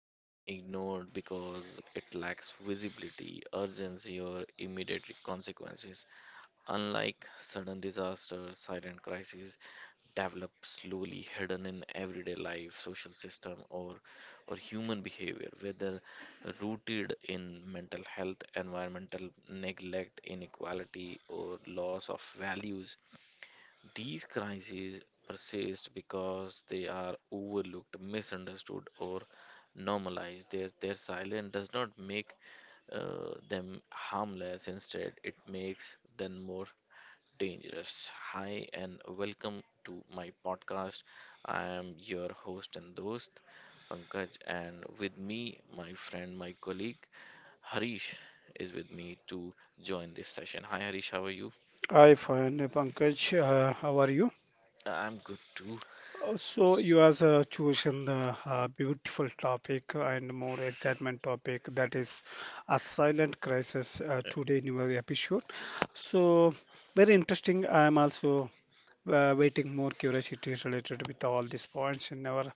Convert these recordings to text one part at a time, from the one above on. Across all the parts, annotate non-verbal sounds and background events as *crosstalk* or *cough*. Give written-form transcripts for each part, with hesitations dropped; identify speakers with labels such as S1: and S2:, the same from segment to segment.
S1: often ignored because it lacks visibility, urgency, or immediate consequences. Unlike sudden disasters, silent crises develop slowly, hidden in everyday life, social system, or human behavior, whether rooted in mental health, environmental neglect, inequality, or loss of values. These crises persist because they are overlooked, misunderstood, or normalized. Their silence does not make them harmless. Instead, it makes them more dangerous. Hi, and welcome to my podcast. I am your host and host, Pankaj, and with me, my friend, my colleague, Harish, is with me to join this session. Hi, Harish, how are you?
S2: Hi, fine, Pankaj. How are you?
S1: I'm good too.
S2: So you have chosen a beautiful topic and more excitement topic that is a silent crisis today in your episode. So very interesting. I am also waiting more curiosity related with all these points and our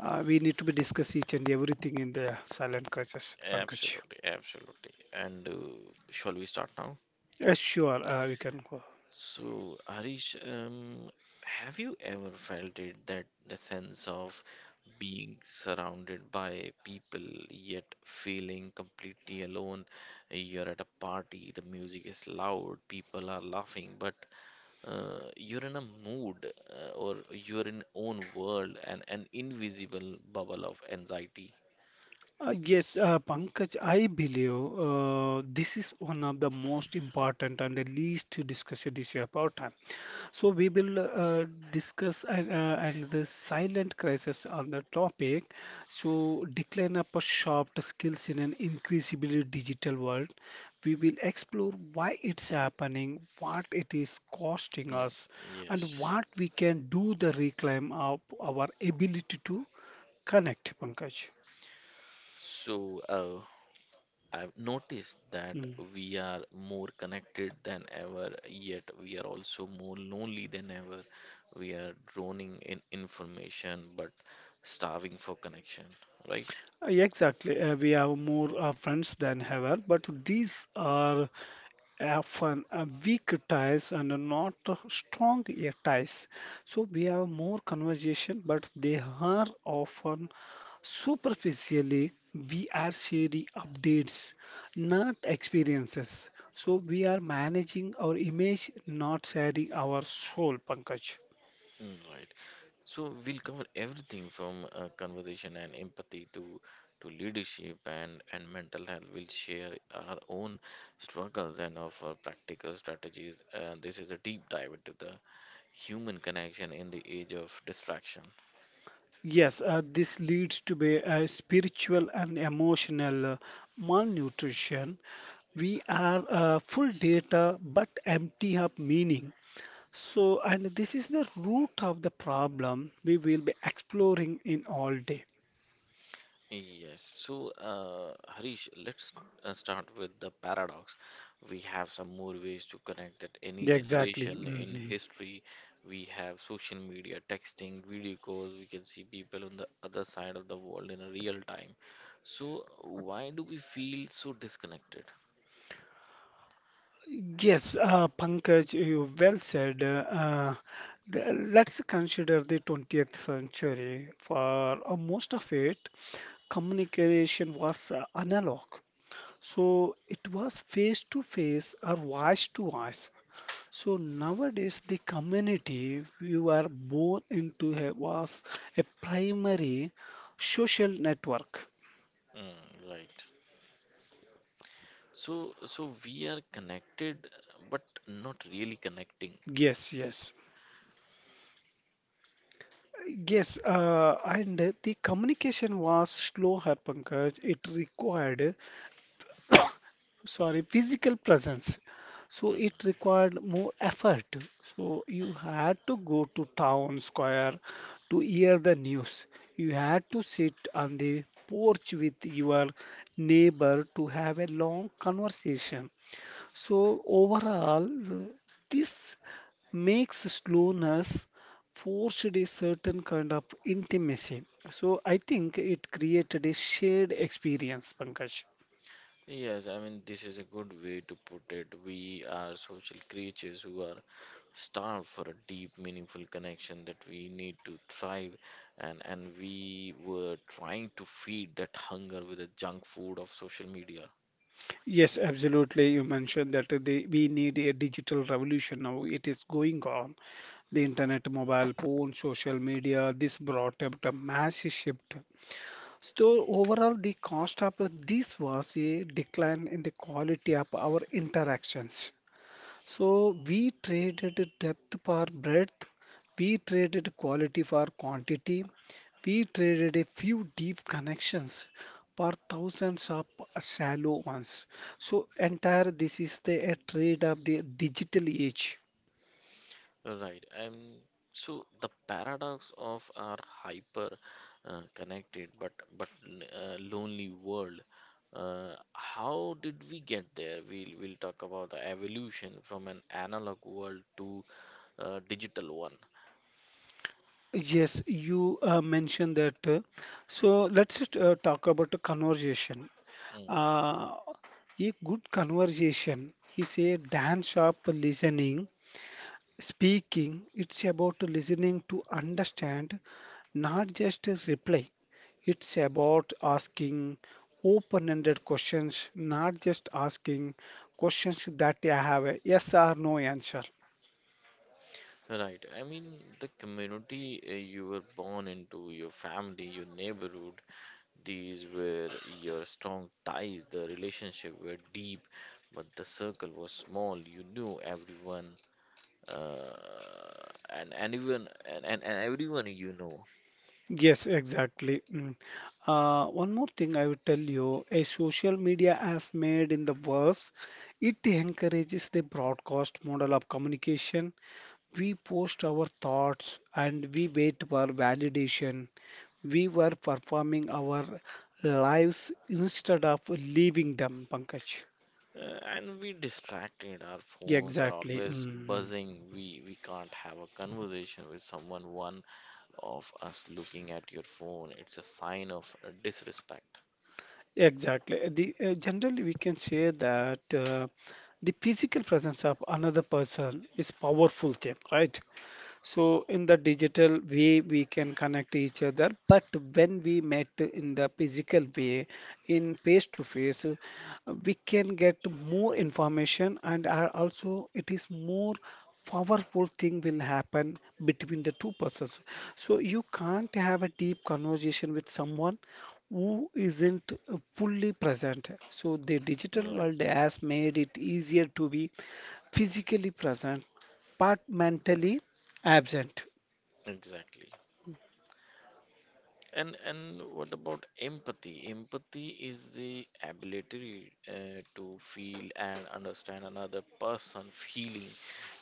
S2: we need to be discuss each and everything in the silent crisis, Pankaj.
S1: Absolutely, absolutely. And shall we start now?
S2: Yes, sure. We can go.
S1: So, Harish, have you ever felt it, that the sense of being surrounded by people yet feeling completely alone? You're at a party, the music is loud, people are laughing, but you're in a mood or you're in own world and an invisible bubble of anxiety.
S2: Yes, Pankaj, I believe this is one of the most important and the least discussed issue about time. So we will discuss and the silent crisis on the topic. So decline of a sharp skills in an increasingly digital world. We will explore why it's happening, what it is costing
S1: Mm,
S2: us, and
S1: yes.
S2: what we can do the reclaim of our ability to connect, Pankaj.
S1: So, I've noticed that
S2: Hmm.
S1: we are more connected than ever, yet we are also more lonely than ever. We are drowning in information but starving for connection, right?
S2: Yeah, exactly. We have more friends than ever, but these are often weak ties and not strong ties. So we have more conversation, but they are often superficially. We are sharing updates, not experiences. So we are managing our image, not sharing our soul, Pankaj.
S1: Mm, right. So we'll cover everything from conversation and empathy to leadership and mental health. We'll share our own struggles and offer practical strategies. And this is a deep dive into the human connection in the age of distraction.
S2: Yes, this leads to be a spiritual and emotional malnutrition. We are full data but empty of meaning. So, and this is the root of the problem we will be exploring in all day.
S1: Yes. So, Harish, let's start with the paradox. We have some more ways to connect that any
S2: Exactly.
S1: generation in
S2: Mhm.
S1: history. We have social media, texting, video calls. We can see people on the other side of the world in real time. So, why do we feel so disconnected?
S2: Yes, Pankaj, you well said. Let's consider the 20th century. For most of it, communication was analog. So it was face to face or voice to voice. So nowadays the community you are born into a, was a primary social network.
S1: Mm, right. So we are connected, but not really connecting.
S2: Yes, yes. Yes, and the communication was slow, Harpankaj. It required sorry, physical presence. So it
S1: Hmm.
S2: required more effort. So you had to go to town square to hear the news. You had to sit on the porch with your neighbor to have a long conversation. So overall, this makes slowness forced a certain kind of intimacy. So I think it created a shared experience, Pankaj.
S1: Yes, I mean, this is a good way to put it. We are social creatures who are starved for a deep, meaningful connection that we need to thrive, and we were trying to feed that hunger with the junk food of social media.
S2: Yes, absolutely. You mentioned that the, we need a digital revolution now. It is going on. The internet, mobile phone, social media, this brought up a massive shift. So overall, the cost of this was a decline in the quality of our interactions. So we traded depth for breadth, we traded quality for quantity, we traded a few deep connections for thousands of shallow ones. So entire this is the a trade of the digital age.
S1: Right. So the paradox of our hyper connected but lonely world. How did we get there? We'll talk about the evolution from an analog world to digital one.
S2: Yes, you mentioned that. So let's just talk about a conversation.
S1: Mm.
S2: Uh, a good conversation is a dance of listening speaking, it's about listening to understand, not just reply. It's about asking open ended questions, not just asking questions that I have a yes or no answer.
S1: Right. I mean, the community you were born into, your family, your neighborhood, these were your strong ties. The relationship were deep, but the circle was small. You knew everyone, uh, and anyone, and everyone you know.
S2: Yes, exactly. Mm. One more thing I will tell you, a social media has made in the verse, it encourages the broadcast model of communication. We post our thoughts and we wait for validation. We were performing our lives instead of living them, Pankaj.
S1: And we distracted. Our phones are
S2: Exactly.
S1: always
S2: Mhm.
S1: buzzing. We can't have a conversation with someone one of us looking at your phone. It's a sign of disrespect.
S2: Exactly. Generally, we can say that the physical presence of another person is powerful thing, right? So in the digital way, we can connect each other, but when we met in the physical way, in face to face, we can get more information and are also it is more powerful thing will happen between the two persons. So you can't have a deep conversation with someone who isn't fully present. So the digital world
S1: Right,
S2: has made it easier to be physically present, but mentally absent.
S1: exactly. And what about empathy? Empathy is the ability to feel and understand another person feeling.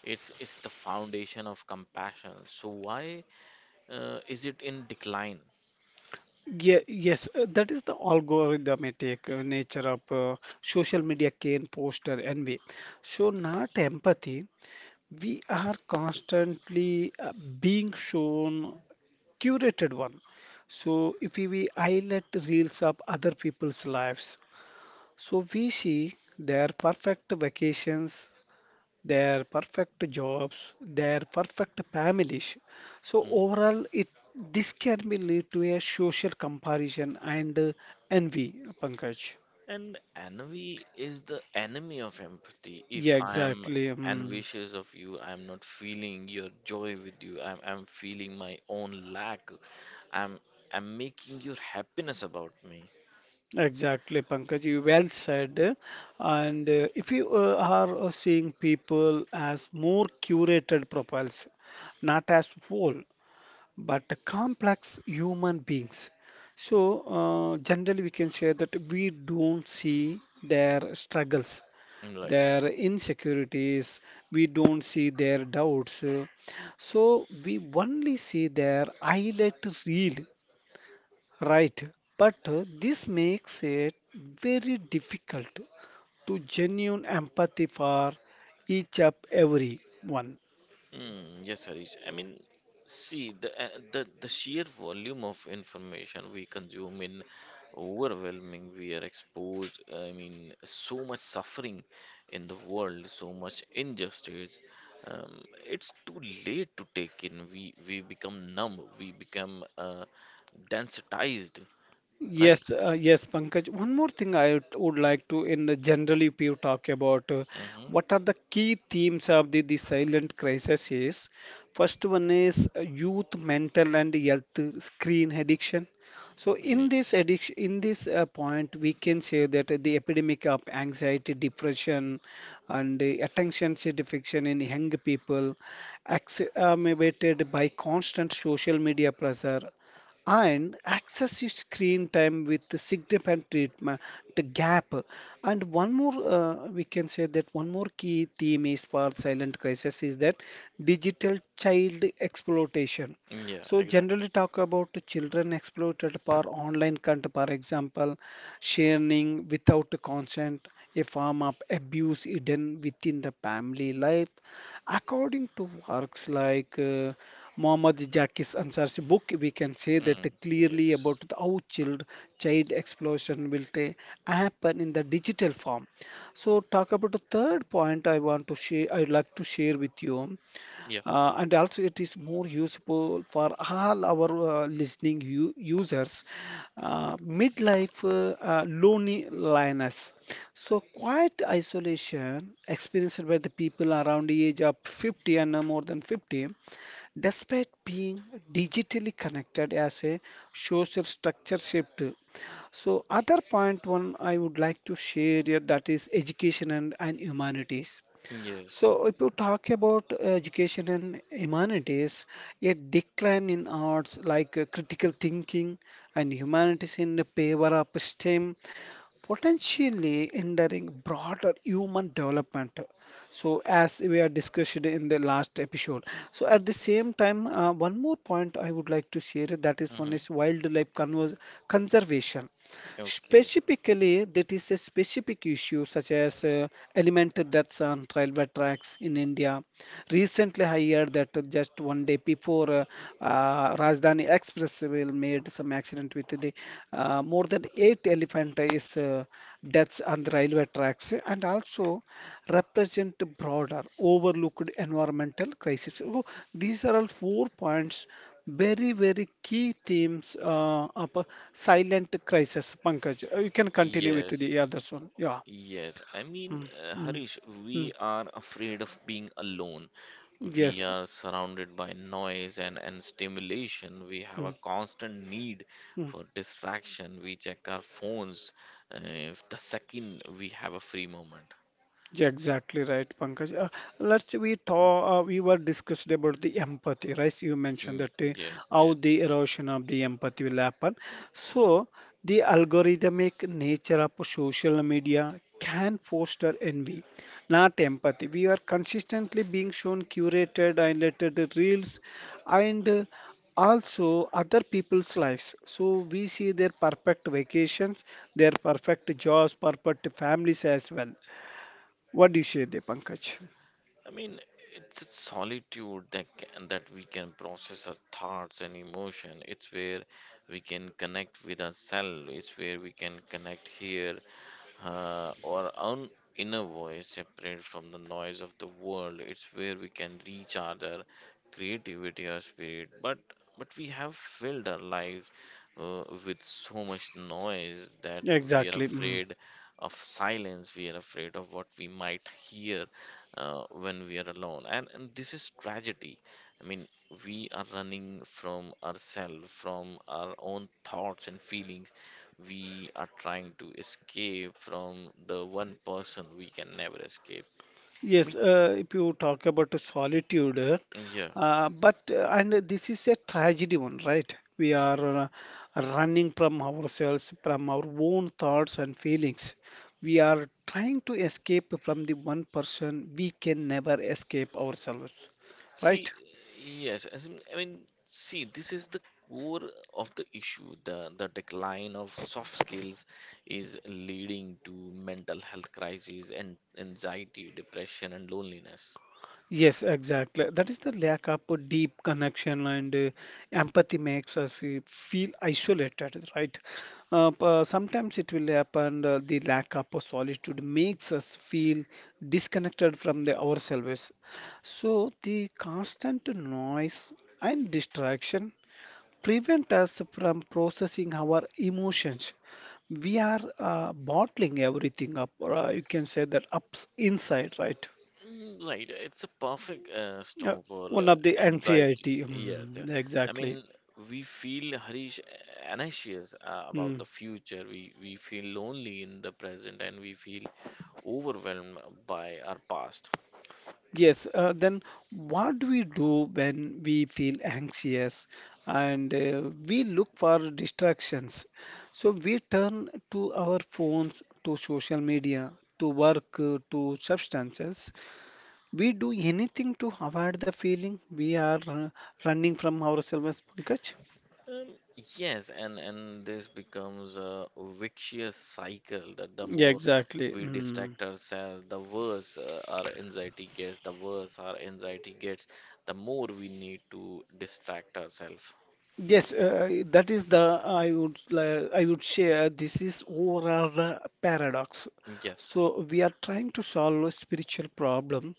S1: It's the foundation of compassion. So why is it in decline?
S2: Yeah, yes, that is the algorithmic nature of social media can poster envy. So, not empathy. We are constantly being shown curated one. So, if we highlight reels of other people's lives, so we see their perfect vacations, their perfect jobs, their perfect families. So
S1: Mm-hmm.
S2: overall, it this can be lead to a social comparison and envy, Pankaj.
S1: And envy is the enemy of empathy. If
S2: Yeah,
S1: I am
S2: exactly. Mm.
S1: envious of you, I am not feeling your joy with you. I'm feeling my own lack. I'm I'm making your happiness about me.
S2: Exactly, Pankaj. You well said. And if you are seeing people as more curated profiles, not as whole, but the complex human beings. So, generally, we can say that we don't see their struggles,
S1: Right.
S2: their insecurities, we don't see their doubts. So, we only see their highlight reel, right? But this makes it very difficult to genuine empathy for each of every one.
S1: Mm, yes, Harish. I mean, see the sheer volume of information we consume in overwhelming. We are exposed. I mean, so much suffering in the world, so much injustice. Um, it's too late to take in. We become numb. We become desensitized, right?
S2: Yes, yes, Pankaj. One more thing I would like to, in the generally, if you talk about
S1: Mm-hmm.
S2: what are the key themes of the silent crisis is, first one is youth mental and health screen addiction. So in this
S1: Yes.
S2: addiction, in this point, we can say that the epidemic of anxiety, depression, and attention deficit in young people, exacerbated by constant social media pressure and access your screen time with the significant treatment the gap. And one more we can say that one more key theme is for silent crisis is that digital child exploitation.
S1: Yeah.
S2: So
S1: Exactly.
S2: generally talk about the children exploited for online content, for example sharing without consent, a form of abuse hidden within the family life. According to works like Muhammad Jaki's Ansar's book, we can say that
S1: Mm,
S2: clearly
S1: yes.
S2: about how child explosion will happen in the digital form. So talk about the third point I want to share. I'd like to share with you.
S1: Yeah.
S2: And also it is more useful for all our listening u users. Midlife loneliness. So quiet isolation experienced by the people around the age of 50 and more than 50, despite being digitally connected as a social structure shift. So other point one I would like to share here that is education and humanities.
S1: Yes.
S2: So, if you talk about education and humanities, a decline in arts like critical thinking and humanities in the favor of STEM, potentially hindering broader human development. So, as we are discussed in the last episode. So, at the same time, one more point I would like to share that is one
S1: Mm-hmm.
S2: is conservation.
S1: Okay.
S2: Specifically, that is a specific issue such as elemental deaths on railway tracks in India. Recently, I heard that just one day before Rajdhani Express will made some accident with the more than eight elephant is deaths on the railway tracks and also represent broader overlooked environmental crisis. So these are all four points very, very key themes of a silent crisis, Pankaj. You can continue with
S1: Yes.
S2: the others one. Yeah.
S1: Yes, I mean,
S2: Mm, mm,
S1: Harish,
S2: mm.
S1: we are afraid of being alone. We
S2: Yes.
S1: are surrounded by noise and stimulation. We have a
S2: Mm,
S1: constant need
S2: mm.
S1: for distraction. We check our phones uh, the second we have a free moment.
S2: Yeah, exactly right, Pankaj. Let's we talk. We were discussed about the empathy, right? You mentioned
S1: Mm,
S2: that
S1: yes,
S2: how
S1: yes.
S2: the erosion of the empathy will happen. So the algorithmic nature of social media can foster envy, not empathy. We are consistently being shown curated, highlighted reels, and also other people's lives. So we see their perfect vacations, their perfect jobs, perfect families as well. What do you say there, Pankaj?
S1: I mean, it's a solitude that can, that we can process our thoughts and emotion. It's where we can connect with ourselves. It's where we can connect here or own inner voice separate from the noise of the world. It's where we can reach our creativity or spirit. But we have filled our lives with so much noise that we are
S2: Exactly. Mm.
S1: afraid of silence. We are afraid of what we might hear when we are alone, and this is tragedy. I mean, we are running from ourselves, from our own thoughts and feelings. We are trying to escape from the one person we can never escape. I
S2: Yes,
S1: mean,
S2: if you talk about the solitude,
S1: yeah.
S2: but and this is a tragedy one, right? We are running from ourselves, from our own thoughts and feelings. We are trying to escape from the one person we can never escape ourselves, right?
S1: See, yes, as in- I mean, see, this is the core of the issue. The decline of soft skills is leading to mental health crises and anxiety, depression, and loneliness.
S2: Yes, exactly. That is the lack of a deep connection and empathy makes us feel isolated, right? Sometimes it will happen, the lack of a solitude makes us feel disconnected from the ourselves. So the constant noise and distraction prevent us from processing our emotions. We are bottling everything up, or you can say that ups inside, right?
S1: Mm, right, it's a perfect
S2: Uh,
S1: storm for
S2: one of the anxiety.
S1: anxiety. Yes, yeah.
S2: Mm,
S1: I
S2: exactly.
S1: mean, we feel Harish, anxious about
S2: Mm.
S1: the future. We feel lonely in the present, and we feel overwhelmed by our past.
S2: Yes. Then what do we do when we feel anxious and we look for distractions? So we turn to our phones, to social media, to work, to substances. We do anything to avoid the feeling we are running from ourselves, Pankaj.
S1: Um, yes, and this becomes a vicious cycle, that the
S2: Yeah,
S1: more
S2: exactly.
S1: we
S2: Mm.
S1: distract ourselves, the worse our anxiety gets. The worse our anxiety gets, the more we need to distract ourselves.
S2: Yes, that is the I would share. This is overall the paradox.
S1: Yes.
S2: So we are trying to solve a spiritual problem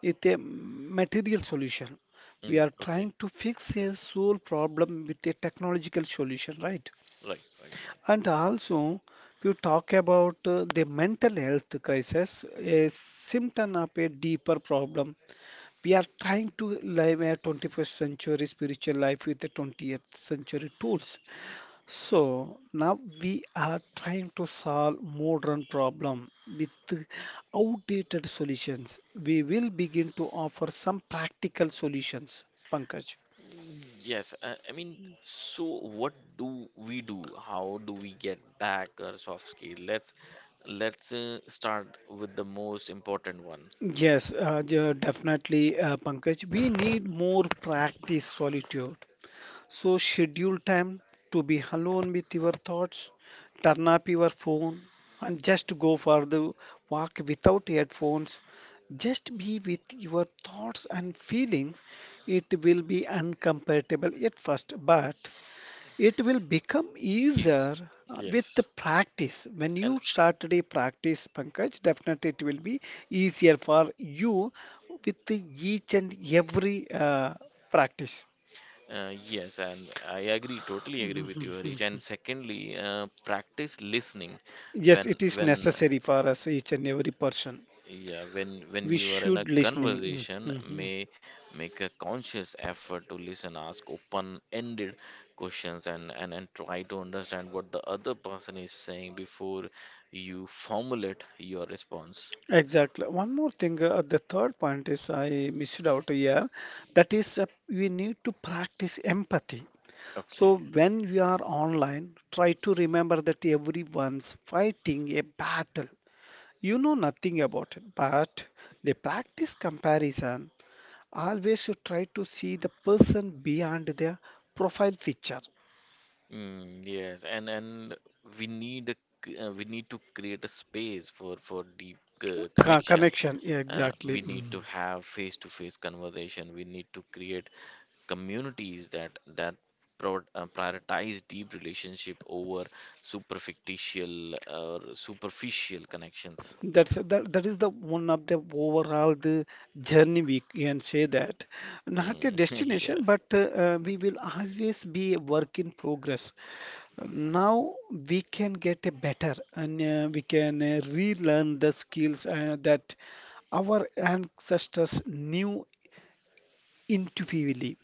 S2: with a material solution. We
S1: Mm,
S2: are
S1: okay.
S2: trying to fix a soul problem with a technological solution, right?
S1: Right.
S2: And also, if you talk about the mental health crisis, a symptom of a deeper problem we are trying to live a 21st century spiritual life with the 20th century tools. So now we are trying to solve modern problem with outdated solutions. We will begin to offer some practical solutions, Pankaj.
S1: Mm, yes. I mean, so what do we do? How do we get back our soft skill? Let's start with the most important one.
S2: Yes, definitely, Pankaj. We need more practice solitude. So schedule time to be alone with your thoughts, turn up your phone, and just go for the walk without headphones. Just be with your thoughts and feelings. It will be uncomfortable at first, but it will become
S1: Is
S2: easier with the
S1: yes.
S2: practice. When
S1: And
S2: you start a practice, Pankaj, definitely it will be easier for you with the each and every practice.
S1: yes, and I agree, totally agree with you, Harish. And
S2: *laughs*
S1: secondly, practice listening
S2: Yes,
S1: when
S2: it is
S1: when
S2: necessary for us, each and every person.
S1: yeah, when
S2: We
S1: you are in a
S2: should listening.
S1: conversation,
S2: Mhm.
S1: may make a conscious effort to listen, ask open-ended questions, and, and try to understand what the other person is saying before you formulate your response.
S2: Exactly. One more thing, the third point is I missed out here. That is, we need to practice empathy.
S1: Okay.
S2: So when we are online, try to remember that everyone's fighting a battle. You know nothing about it, but they practice comparison. Always you try to see the person beyond their profile picture.
S1: Mm, yes, and we need a, we need to create a space for deep connection.
S2: Connection, yeah,
S1: We
S2: exactly.
S1: need to
S2: Mm.
S1: have face-to-face conversation. We need to create communities that pro prioritize deep relationship over super fictitious or superficial connections.
S2: That is the one of the overall the journey, we can say that, not
S1: Mm,
S2: a
S1: *laughs*
S2: destination,
S1: yes.
S2: but we will always be a work in progress now. We can get a better and we can relearn the skills that our ancestors knew intuitively.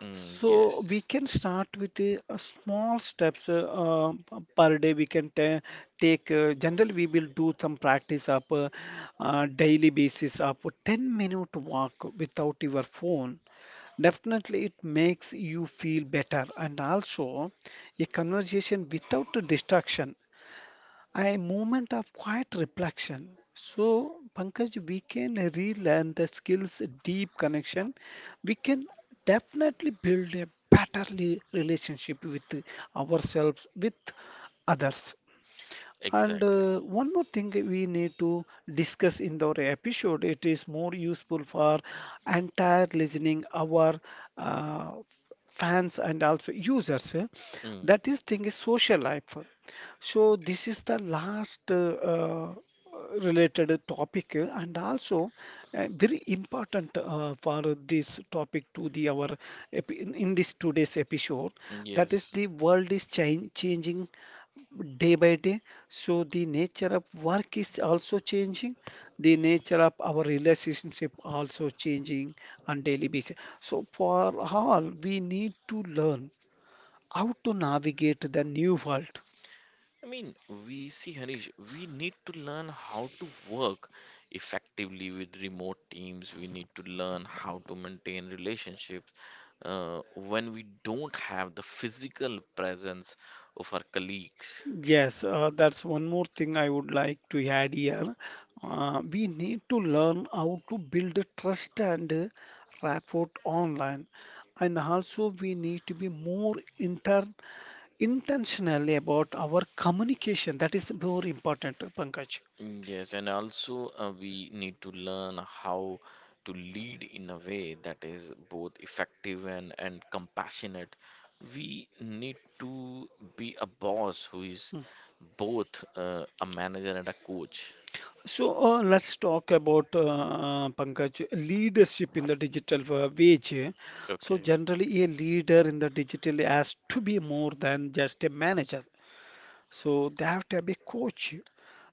S1: Mm,
S2: So
S1: yes.
S2: we
S1: Yes.
S2: can start with a small steps per day. We can ta take. Generally, we will do some practice up daily basis of 10-minute minute walk without your phone. Definitely, it makes you feel better, and also a conversation without a distraction, a moment of quiet reflection. So, Pankaj, we can relearn the skills, deep connection. We can definitely build a better relationship with ourselves, with others. And
S1: Exactly.
S2: one more thing we need to discuss in our episode, it is more useful for entire listening our uh, fans and also users. Eh.
S1: Mm,
S2: That is thing is social life. So this is the last related topic and also very important for this topic to the our epi- in this today's episode, that is
S1: yes.
S2: the world is changing day by day. So the nature of work is also changing. The nature of our relationship also changing on daily basis. So for all, we need to learn how to navigate the new world.
S1: I mean, we see, Harish, we need to learn how to work effectively with remote teams. We need to learn how to maintain relationships when we don't have the physical presence of our colleagues.
S2: Yes, that's one more thing I would like to add here. We need to learn how to build trust and rapport online, and also we need to be more inter. Intentionally about our communication. That is more important, Pankaj.
S1: Mm, yes, and also we need to learn how to lead in a way that is both effective and compassionate. We need to be a boss who is both a manager and a coach.
S2: So let's talk about Pankaj leadership in the digital age. So
S1: Okay.
S2: generally, a leader in the digital has to be more than just a manager. So they have to be a coach.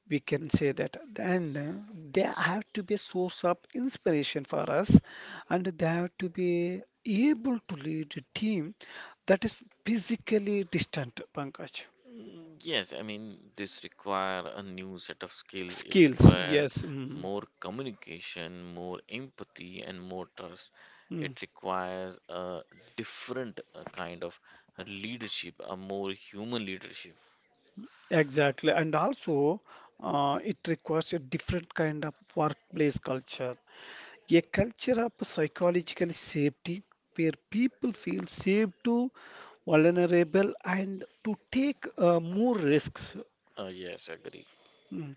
S2: We can say that. And they have to be a source of inspiration for us, and they have to be able to lead a team that is physically distant, Pankaj.
S1: Mm, yes, I mean, this require a new set of skills. It
S2: Skills,
S1: require
S2: yes. Mm,
S1: more communication, more empathy, and more trust.
S2: mm,
S1: It requires a different kind of leadership, a more human leadership.
S2: exactly. And also, it requires a different kind of workplace culture, a culture of psychological safety where people feel safe to vulnerable and to take more risks.
S1: Yes, agree.
S2: Mm.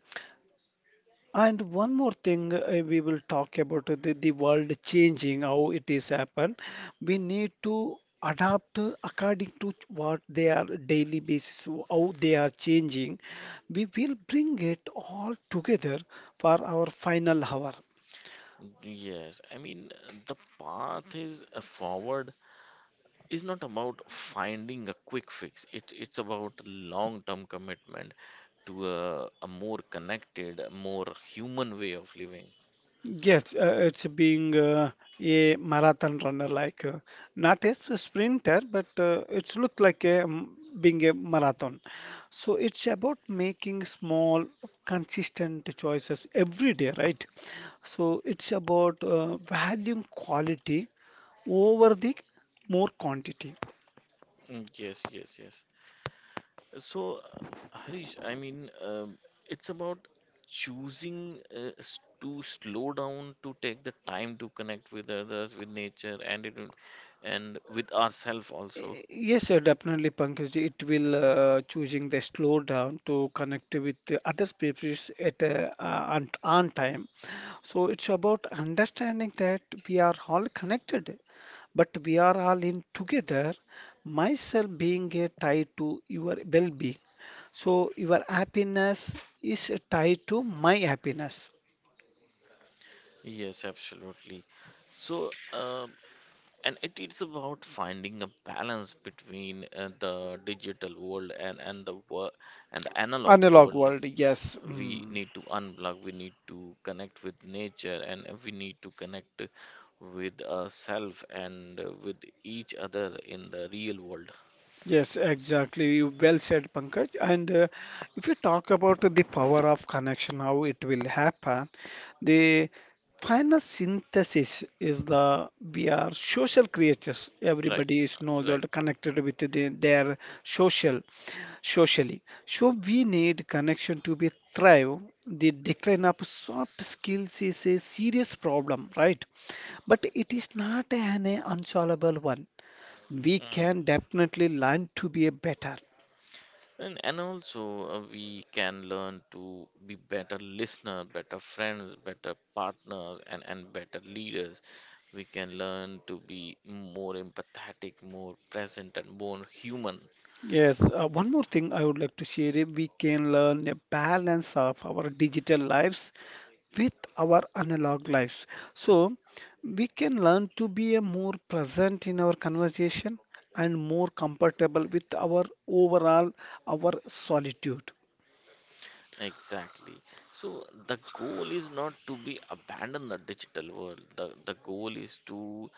S2: And one more thing, we will talk about the world changing, how it is happen. We need to adapt according to what they are daily basis, how they are changing. We will bring it all together for our final hour.
S1: Yes, I mean, the path is forward is not about finding a quick fix. It's about long-term commitment to a more connected, a more human way of living.
S2: Yes, it's being a marathon runner, like not as a sprinter, but it's look like a being a marathon. So it's about making small, consistent choices every day, right? So it's about valuing quality over the more quantity.
S1: Mm, yes, yes, yes. So, Harish, I mean, it's about choosing to slow down, to take the time to connect with others, with nature, and with ourselves also.
S2: Yes, sir, definitely, Pankaj. It will choosing the slow down to connect with the other species at on time. So it's about understanding that we are all connected, but we are all in together. Myself being a tie to your well-being. So your happiness is tied to my happiness.
S1: Yes, absolutely. So, and it is about finding a balance between the digital world and the analog
S2: Analog
S1: world.
S2: world, yes.
S1: We
S2: Mm.
S1: need to unplug. We need to connect with nature, and we need to connect with ourselves and with each other in the real world.
S2: Yes, exactly. You well said, Pankaj. And if you talk about the power of connection, how it will happen, the final synthesis is the we are social creatures.
S1: Right,
S2: Everybody is know
S1: right.
S2: that connected with their social socially. So we need connection to be thrive. The decline of soft skills is a serious problem, right? But it is not an unsolvable one, we
S1: Mm.
S2: can definitely learn to be a better.
S1: And also, we can learn to be better listener, better friends, better partners, and better leaders. We can learn to be more empathetic, more present, and more human.
S2: Yes, one more thing I would like to share is we can learn a balance of our digital lives with our analog lives. So we can learn to be a more present in our conversation and more comfortable with our overall our solitude.
S1: Exactly. So the goal is not to be abandon the digital world. The goal is to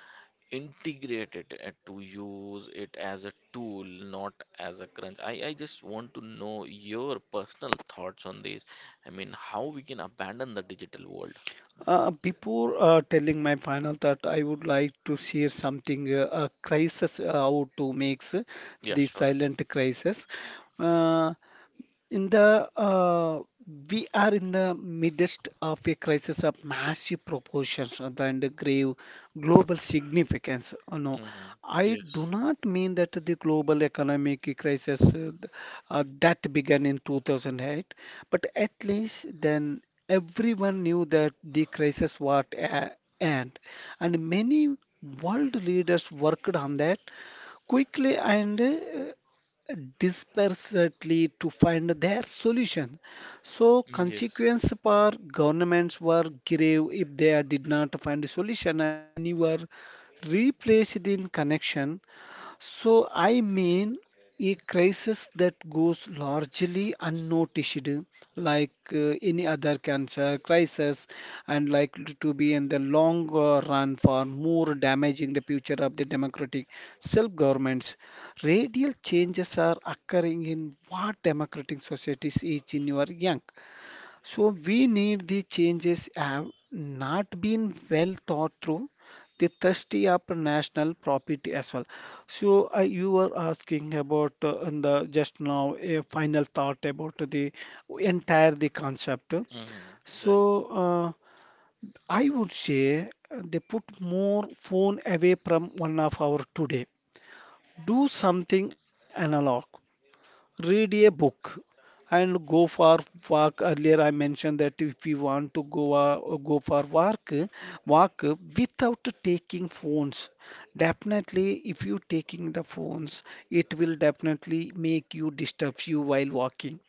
S1: integrate it and to use it as a tool, not as a crunch. I just want to know your personal thoughts on this. I mean, how we can abandon the digital world.
S2: Before telling my final thought, I would like to share something a crisis how to make
S1: Yeah,
S2: the
S1: sure.
S2: silent crisis. Uh, in the We are in the midst of a crisis of massive proportions and the grave global significance. You know,
S1: Mm-hmm.
S2: I
S1: Yes.
S2: do not mean that the global economic crisis that began in 2008, but at least then everyone knew that the crisis was at end, and many world leaders worked on that quickly and desperately to find their solution. So
S1: Mm, yes.
S2: consequence for governments were grave if they did not find a solution, and many were replaced in connection. So I mean a crisis that goes largely unnoticed, like any other cancer crisis, and likely to be in the long run far more damaging the future of the democratic self-governments. Radical changes are occurring in what democratic societies is in your young. So we need the changes have not been well thought through. They thirsty up national property as well. So you were asking about in the just now a final thought about the entire the concept.
S1: Mm-hmm.
S2: So
S1: Right.
S2: uh, I would say they put more phone away from one of our today. Do something analog, read a book, and go for walk. Earlier I mentioned that if we want to go go for walk without taking phones. Definitely, if you taking the phones, it will definitely make you disturb you while walking.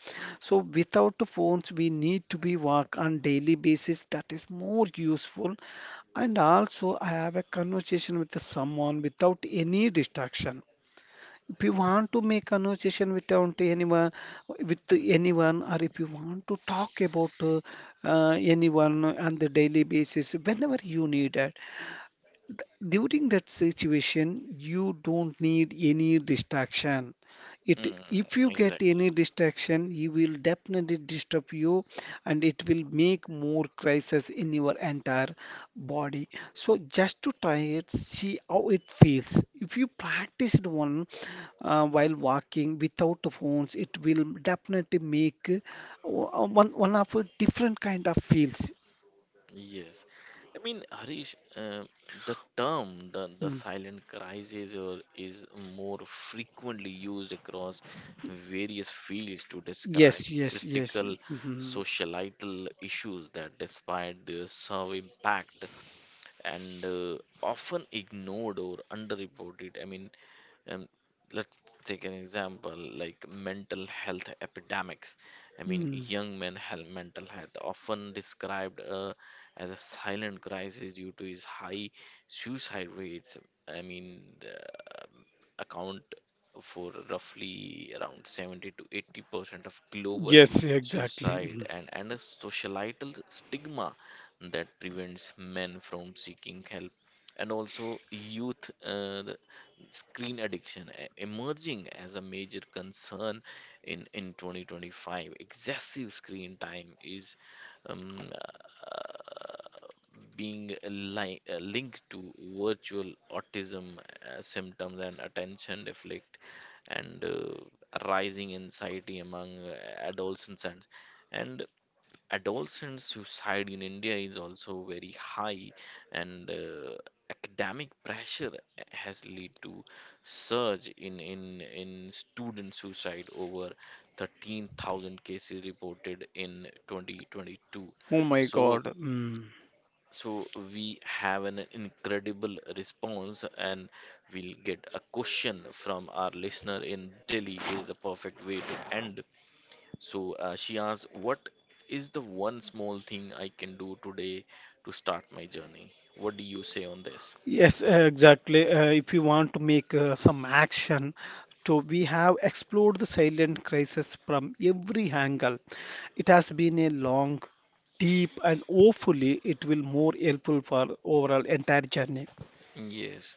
S2: So without phones, we need to be walk on daily basis, that is more useful. And also I have a conversation with someone without any distraction. If you want to make conversation without anyone, with anyone, or if you want to talk about anyone on the daily basis, whenever you need it, during that situation you don't need any distraction. It
S1: Mm,
S2: if you get
S1: exactly.
S2: any distraction, he will definitely disturb you, and it will make more crisis in your entire body. So just to try it, see how it feels. If you practiced one while walking without the phones, it will definitely make one of a different kind of feels.
S1: Yes, I mean Harish, the term the
S2: Mm.
S1: silent crisis or is more frequently used across various fields to describe
S2: Yes, yes, yes.
S1: critical societal issues that, despite their serve impact and often ignored or underreported. I mean, um, let's take an example like mental health epidemics. I mean,
S2: Mhm.
S1: young men health, mental health often described as a silent crisis due to his high suicide rates. I mean, account for roughly around 70 to 80% of global
S2: Yes, exactly.
S1: suicide,
S2: Mm.
S1: and a societal stigma that prevents men from seeking help. And also youth, the screen addiction emerging as a major concern in 2025, excessive screen time is um, uh, being linked to virtual autism symptoms and attention deflect and rising anxiety among adolescents, and adolescent suicide in India is also very high. And academic pressure has led to surge in student suicide, over 13,000 cases reported in 2022.
S2: Oh my
S1: So
S2: God. Mm.
S1: we have an incredible response, and we'll get a question from our listener in Delhi is the perfect way to end. So she asks, "What is the one small thing I can do today to start my journey?" What do you say on this?
S2: Yes, exactly. If you want to make some action, so we have explored the silent crisis from every angle. It has been a long, deep, and hopefully it will more helpful for overall entire journey.
S1: Yes.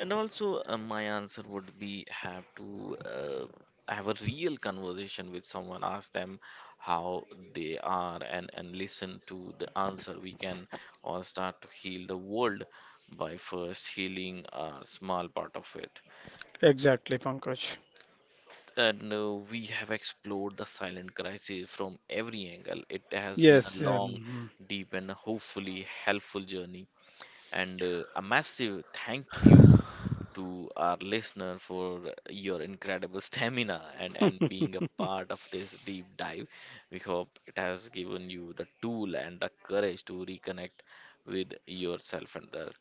S1: And also, my answer would be have to have a real conversation with someone, ask them how they are, and listen to the answer. We can all start to heal the world by first healing our small part of it.
S2: Exactly, Pankaj.
S1: And we have explored the silent crisis from every angle. It has been a
S2: Yes,
S1: long, deep, and hopefully helpful journey. And a massive thank you to our listener for your incredible stamina and being a part of this deep dive. We hope it has given you the tool and the courage to reconnect with yourself and the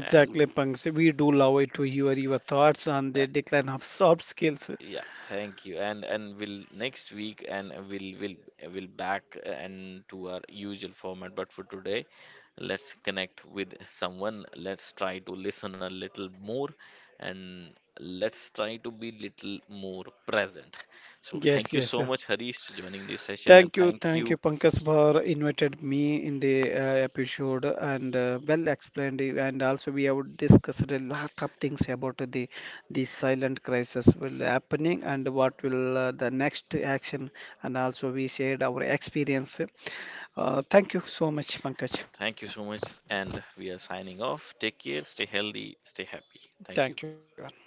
S1: and
S2: Pankaj. We do love it to hear your thoughts on
S1: uh,
S2: the decline of soft skills.
S1: yeah, thank you. And we'll next week and we'll back and to our usual format. But for today, let's connect with someone. Let's try to listen a little more, and let's try to be little more present. So
S2: Yes,
S1: thank you
S2: yes.
S1: so much, Harish, for joining this session, and thank
S2: Thank you,
S1: you.
S2: Pankaj, for invited me in the episode and well explained. It. And also, we have discussed a lot of things about the silent crisis will happening and what will the next action. And also, we shared our experience. Thank you so much, Pankaj.
S1: Thank you so much. And we are signing off. Take care, stay healthy, stay happy. Thank you.
S2: Thank you, everyone.